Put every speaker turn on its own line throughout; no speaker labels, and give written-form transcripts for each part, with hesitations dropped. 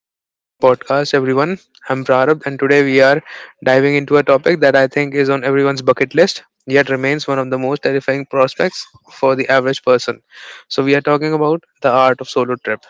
of the podcast, everyone. I'm Prarabh, and today we are diving into a topic that I think is on everyone's bucket list, yet remains one of the most terrifying prospects for the average person. So, we are talking about the art of solo trip.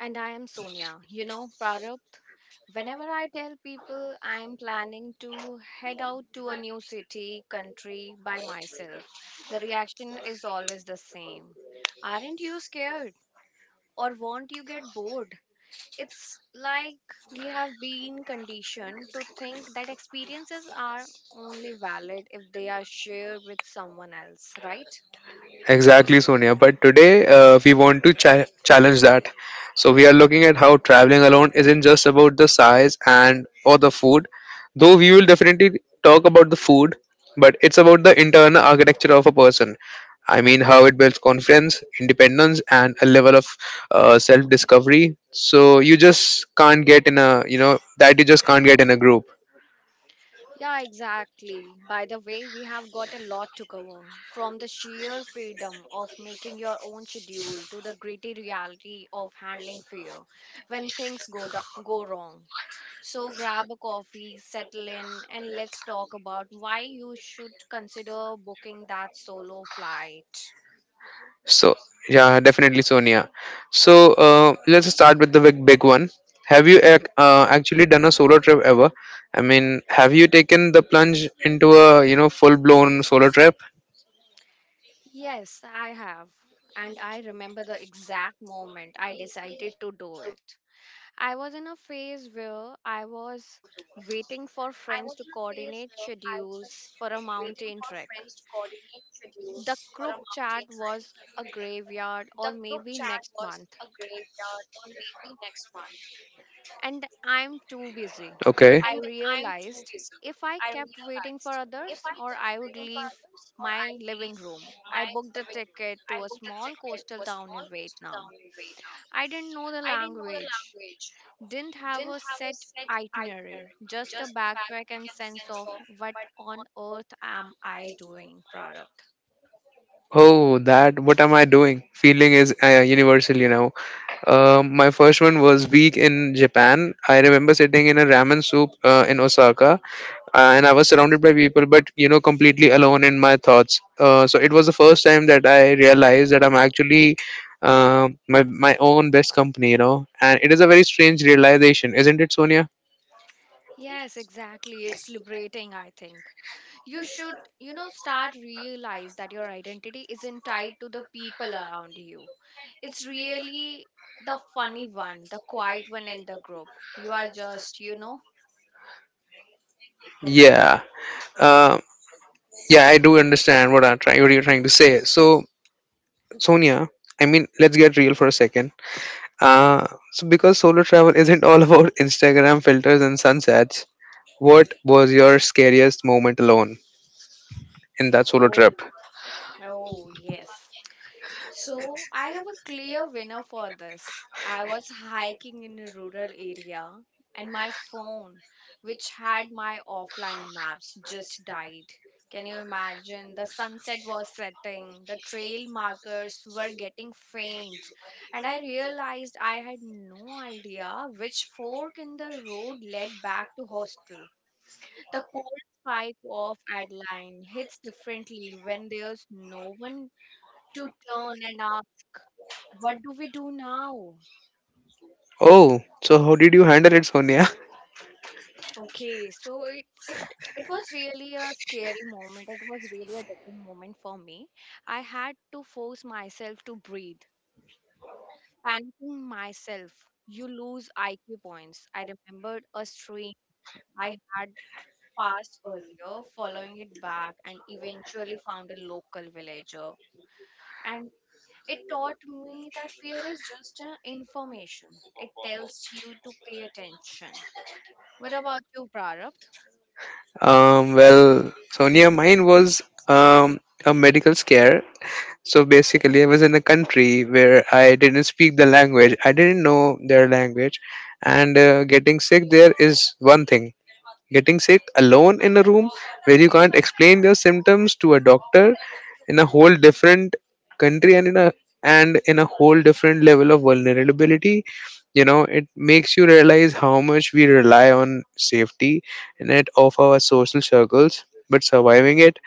And I am Sonia. Prarabdh, whenever I tell people I am planning to head out to a new city, country by myself, the reaction is always the same. Aren't you scared? Or won't you get bored? It's like we have been conditioned to think that experiences are only valid if they are shared with someone else, right?
Exactly, Sonia. But today, we want to challenge that. So we are looking at how traveling alone isn't just about the size and or the food, though we will definitely talk about the food, but it's about the internal architecture of a person. I mean, how it builds confidence, independence, and a level of self-discovery. So you just can't get in a that you just can't get in a group.
Yeah, exactly. By the way, we have got a lot to cover from the sheer freedom of making your own schedule to the gritty reality of handling fear when things go wrong. So, grab a coffee, settle in, and let's talk about why you should consider booking that solo flight.
So yeah, definitely Sonia. So let's start with the big, big one. Have you actually done a solo trip ever? I mean, have you taken the plunge into a full blown solo trip?
Yes, I have. And I remember the exact moment I decided to do it. I was in a phase where I was waiting for friends to coordinate schedules for a mountain trek. The group chat was a graveyard or maybe next month,
Okay.
and I'm too busy. I realized if I kept waiting for others, or I would leave my living room. I booked a ticket to a small coastal town in Vietnam. I didn't know the language, didn't have a set itinerary, just a backpack and sense of what on earth am I doing, Prarabdh.
Oh, that. What am I doing? Feeling is universal, you know. My first one was week in Japan. I remember sitting in a ramen soup in Osaka, and I was surrounded by people, but you know, completely alone in my thoughts. So it was the first time that I realized that I'm actually my own best company, you know. And it is a very strange realization, isn't it, Sonia?
Yes, exactly. It's liberating, I think. You should, start realize that your identity isn't tied to the people around you. It's really the funny one, the quiet one in the group. You are just,
Yeah. Uh, yeah, I do understand what I'm trying. What you're trying to say. So, Sonia, I mean, let's get real for a second. Uh, so because solo travel isn't all about Instagram filters and sunsets, what was your scariest moment alone in that solo
oh,
trip?
oh, yes. So, I have a clear winner for this. I was hiking in a rural area and my phone, which had my offline maps, just died. Can you imagine? The sunset was setting, the trail markers were getting faint, and I realized I had no idea which fork in the road led back to hostel. The cold spike of Adeline hits differently when there's no one to turn and ask, what do we do now?
Oh, so how did you handle it, Sonia?
Okay, so it was really a scary moment. It was really a different moment for me. I had to force myself to breathe, panicking myself. You lose IQ points. I remembered a stream I had passed earlier, following it back, and eventually found a local villager. And it taught me that fear is just a information. It tells you to pay attention. What about you, Prarapt?
Well, Sonia, mine was um, a medical scare. So basically, I was in a country where I didn't speak the language, I didn't know their language, and getting sick there is one thing. Getting sick alone in a room where you can't explain your symptoms to a doctor in a whole different country, and in a whole different level of vulnerability. You know, it makes you realize how much we rely on safety and it of our social circles, but surviving it,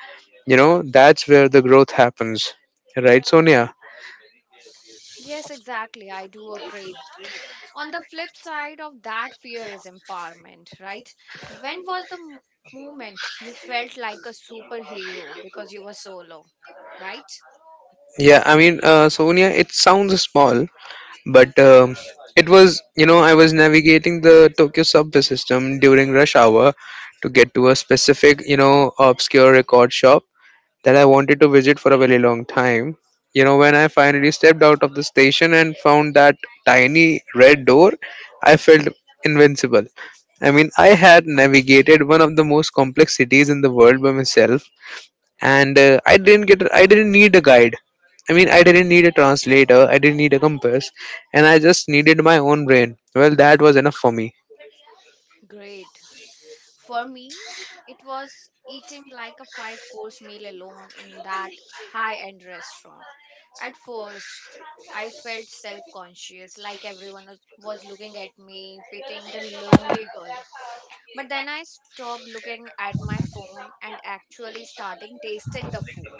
you know, that's where the growth happens, right, Sonia?
Yes, exactly. I do agree. On the flip side of that fear is empowerment, right? When was the moment you felt like a superhero because you were solo, right?
Yeah, I mean, Sonia, it sounds small, but it was, you know, I was navigating the Tokyo subway system during rush hour to get to a specific, you know, obscure record shop that I wanted to visit for a very long time. You know, when I finally stepped out of the station and found that tiny red door, I felt invincible. I mean, I had navigated one of the most complex cities in the world by myself, and I didn't get I didn't need a guide. I mean, I didn't need a translator, I didn't need a compass, and I just needed my own brain. Well, that was enough for me.
Great. For me, it was eating like a five course meal alone in that high end restaurant. At first, I felt self conscious, like everyone was looking at me, pitying the lonely girl. But then I stopped looking at my phone and actually starting tasting the food.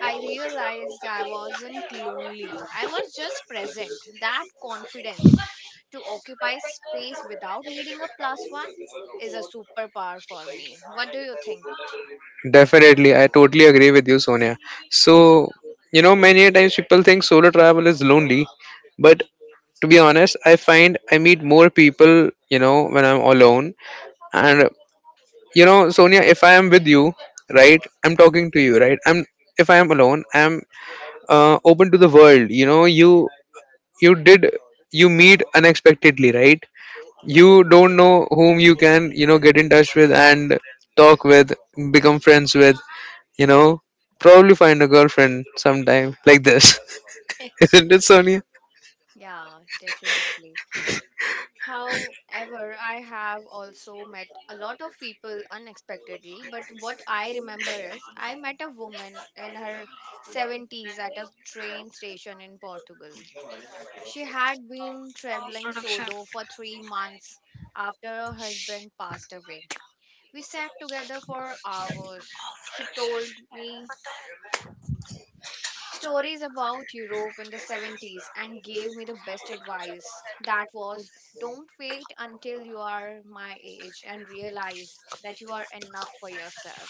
I realized I wasn't lonely. I was just present. That confidence to occupy space without needing a plus one is a superpower for me. What do you think?
Definitely, I totally agree with you, Sonia. So, you know, many a times people think solo travel is lonely, but to be honest, I find I meet more people, you know, when I'm alone. And you know, Sonia, if I am with you, right, I'm talking to you, right. I'm if I am alone, I'm open to the world. You know, you did you meet unexpectedly, right. You don't know whom you can, you know, get in touch with and talk with, become friends with, you know, probably find a girlfriend sometime like this. Isn't it, Sonia?
Yeah, definitely. However, I have also met a lot of people unexpectedly, but what I remember is I met a woman in her 70s at a train station in Portugal. She had been traveling solo for 3 months after her husband passed away. We sat together for hours. She told me stories about Europe in the 70s and gave me the best advice. That was don't wait until you are my age and realize that you are enough for yourself.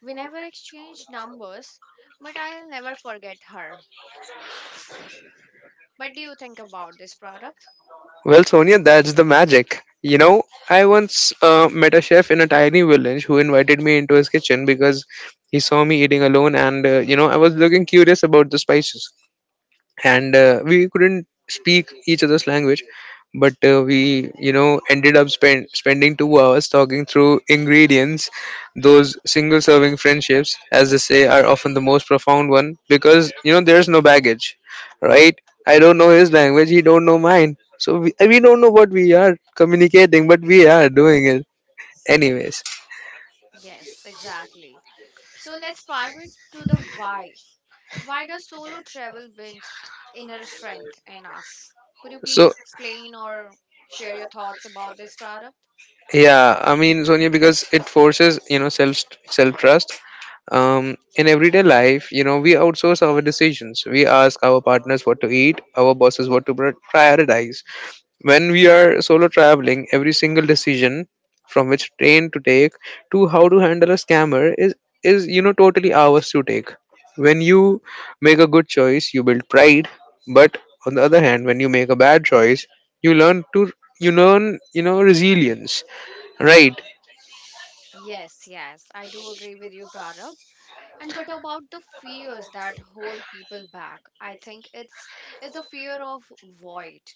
We never exchanged numbers, but I'll never forget her. What do you think about this product?
Well, Sonia, that's the magic, you know. I once met a chef in a tiny village who invited me into his kitchen because he saw me eating alone, and you know, I was looking curious about the spices. And we couldn't speak each other's language, but we, you know, ended up spending 2 hours talking through ingredients. Those single serving friendships, as they say, are often the most profound one because, you know, there's no baggage, right. I don't know his language, he don't know mine, so we don't know what we are communicating, but we are doing it anyways.
Yes, exactly. So let's pivot to the why. Why does solo travel build inner strength in us? Could you please
So,
explain or share your thoughts about this product?
yeah, I mean, Sonia, because it forces, you know, self trust. In everyday life, you know, we outsource our decisions. We ask our partners what to eat, our bosses what to prioritize. When we are solo traveling, every single decision, from which train to take to how to handle a scammer, is, you know, totally ours to take. When you make a good choice, you build pride, but on the other hand, when you make a bad choice, you learn to you learn, you know, resilience, right.
Yes, yes, I do agree with you, Pranav. And what about the fears that hold people back? I think it's a fear of void,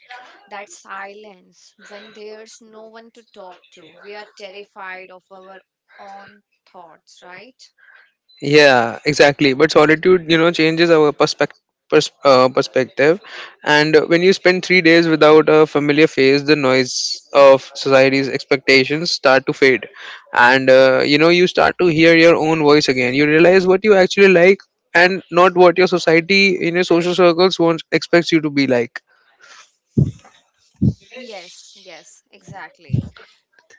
that silence when there's no one to talk to. We are terrified of our own thoughts, right?
Yeah, exactly. But solitude, you know, changes our perspective. Perspective. And when you spend 3 days without a familiar face, the noise of society's expectations start to fade. And you know, you start to hear your own voice again. You realize what you actually like, and not what your society in your social circles wants expects you to be like.
Yes, yes, exactly.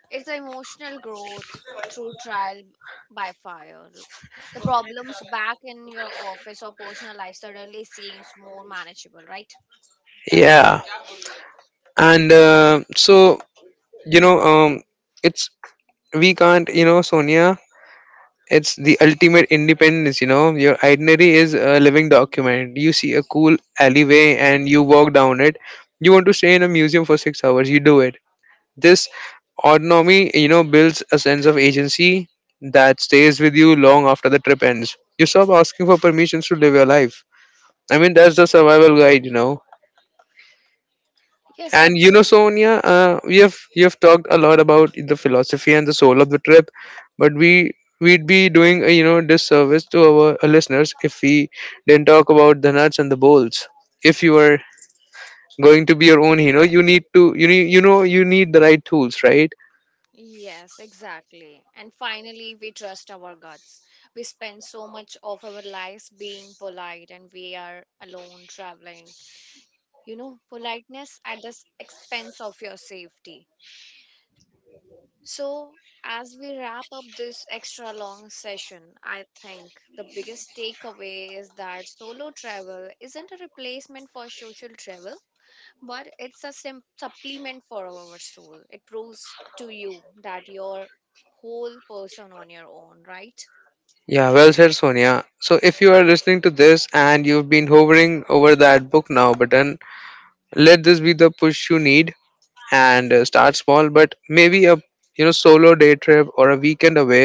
It's the emotional growth through trial by fire. The problems back in your office or personal life suddenly seems more manageable, right?
Yeah, and so, you know, it's we can't you know, Sonia, it's the ultimate independence, you know. Your itinerary is a living document. You see a cool alleyway and you walk down it. You want to stay in a museum for 6 hours, you do it. This autonomy, you know, builds a sense of agency that stays with you long after the trip ends. You stop asking for permissions to live your life. I mean, that's the survival guide, you know.
Yes,
And you know,
absolutely.
Sonia, we have you have talked a lot about the philosophy and the soul of the trip, but we'd be doing a, you know, disservice to our listeners if we didn't talk about the nuts and the bolts. If you are going to be your own hero, you need, you know, you need the right tools, right?
Yes, exactly. And finally, we trust our guts. We spend so much of our lives being polite and we are alone traveling. Politeness at the expense of your safety. So, as we wrap up this extra long session, I think the biggest takeaway is that solo travel isn't a replacement for social travel, but it's a supplement for our soul. It proves to you that you're whole person on your own, right?
Yeah, well said, Sonia. So if you are listening to this and you've been hovering over that book now button, let this be the push you need. And start small, but maybe a, you know, solo day trip or a weekend away.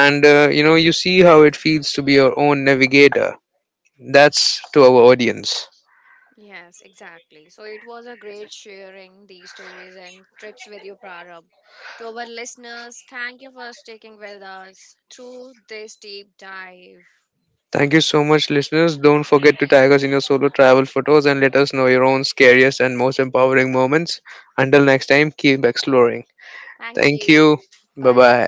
And you know, you see how it feels to be your own navigator. That's to our audience.
Yes, exactly. So it was a great sharing these stories and trips with you, Prarabh. To our listeners, thank you for sticking with us through this deep dive.
Thank you so much, listeners. Don't forget to tag us in your solo travel photos and let us know your own scariest and most empowering moments. Until next time, keep exploring.
Thank
Thank you.
you.
Bye
Bye.
bye.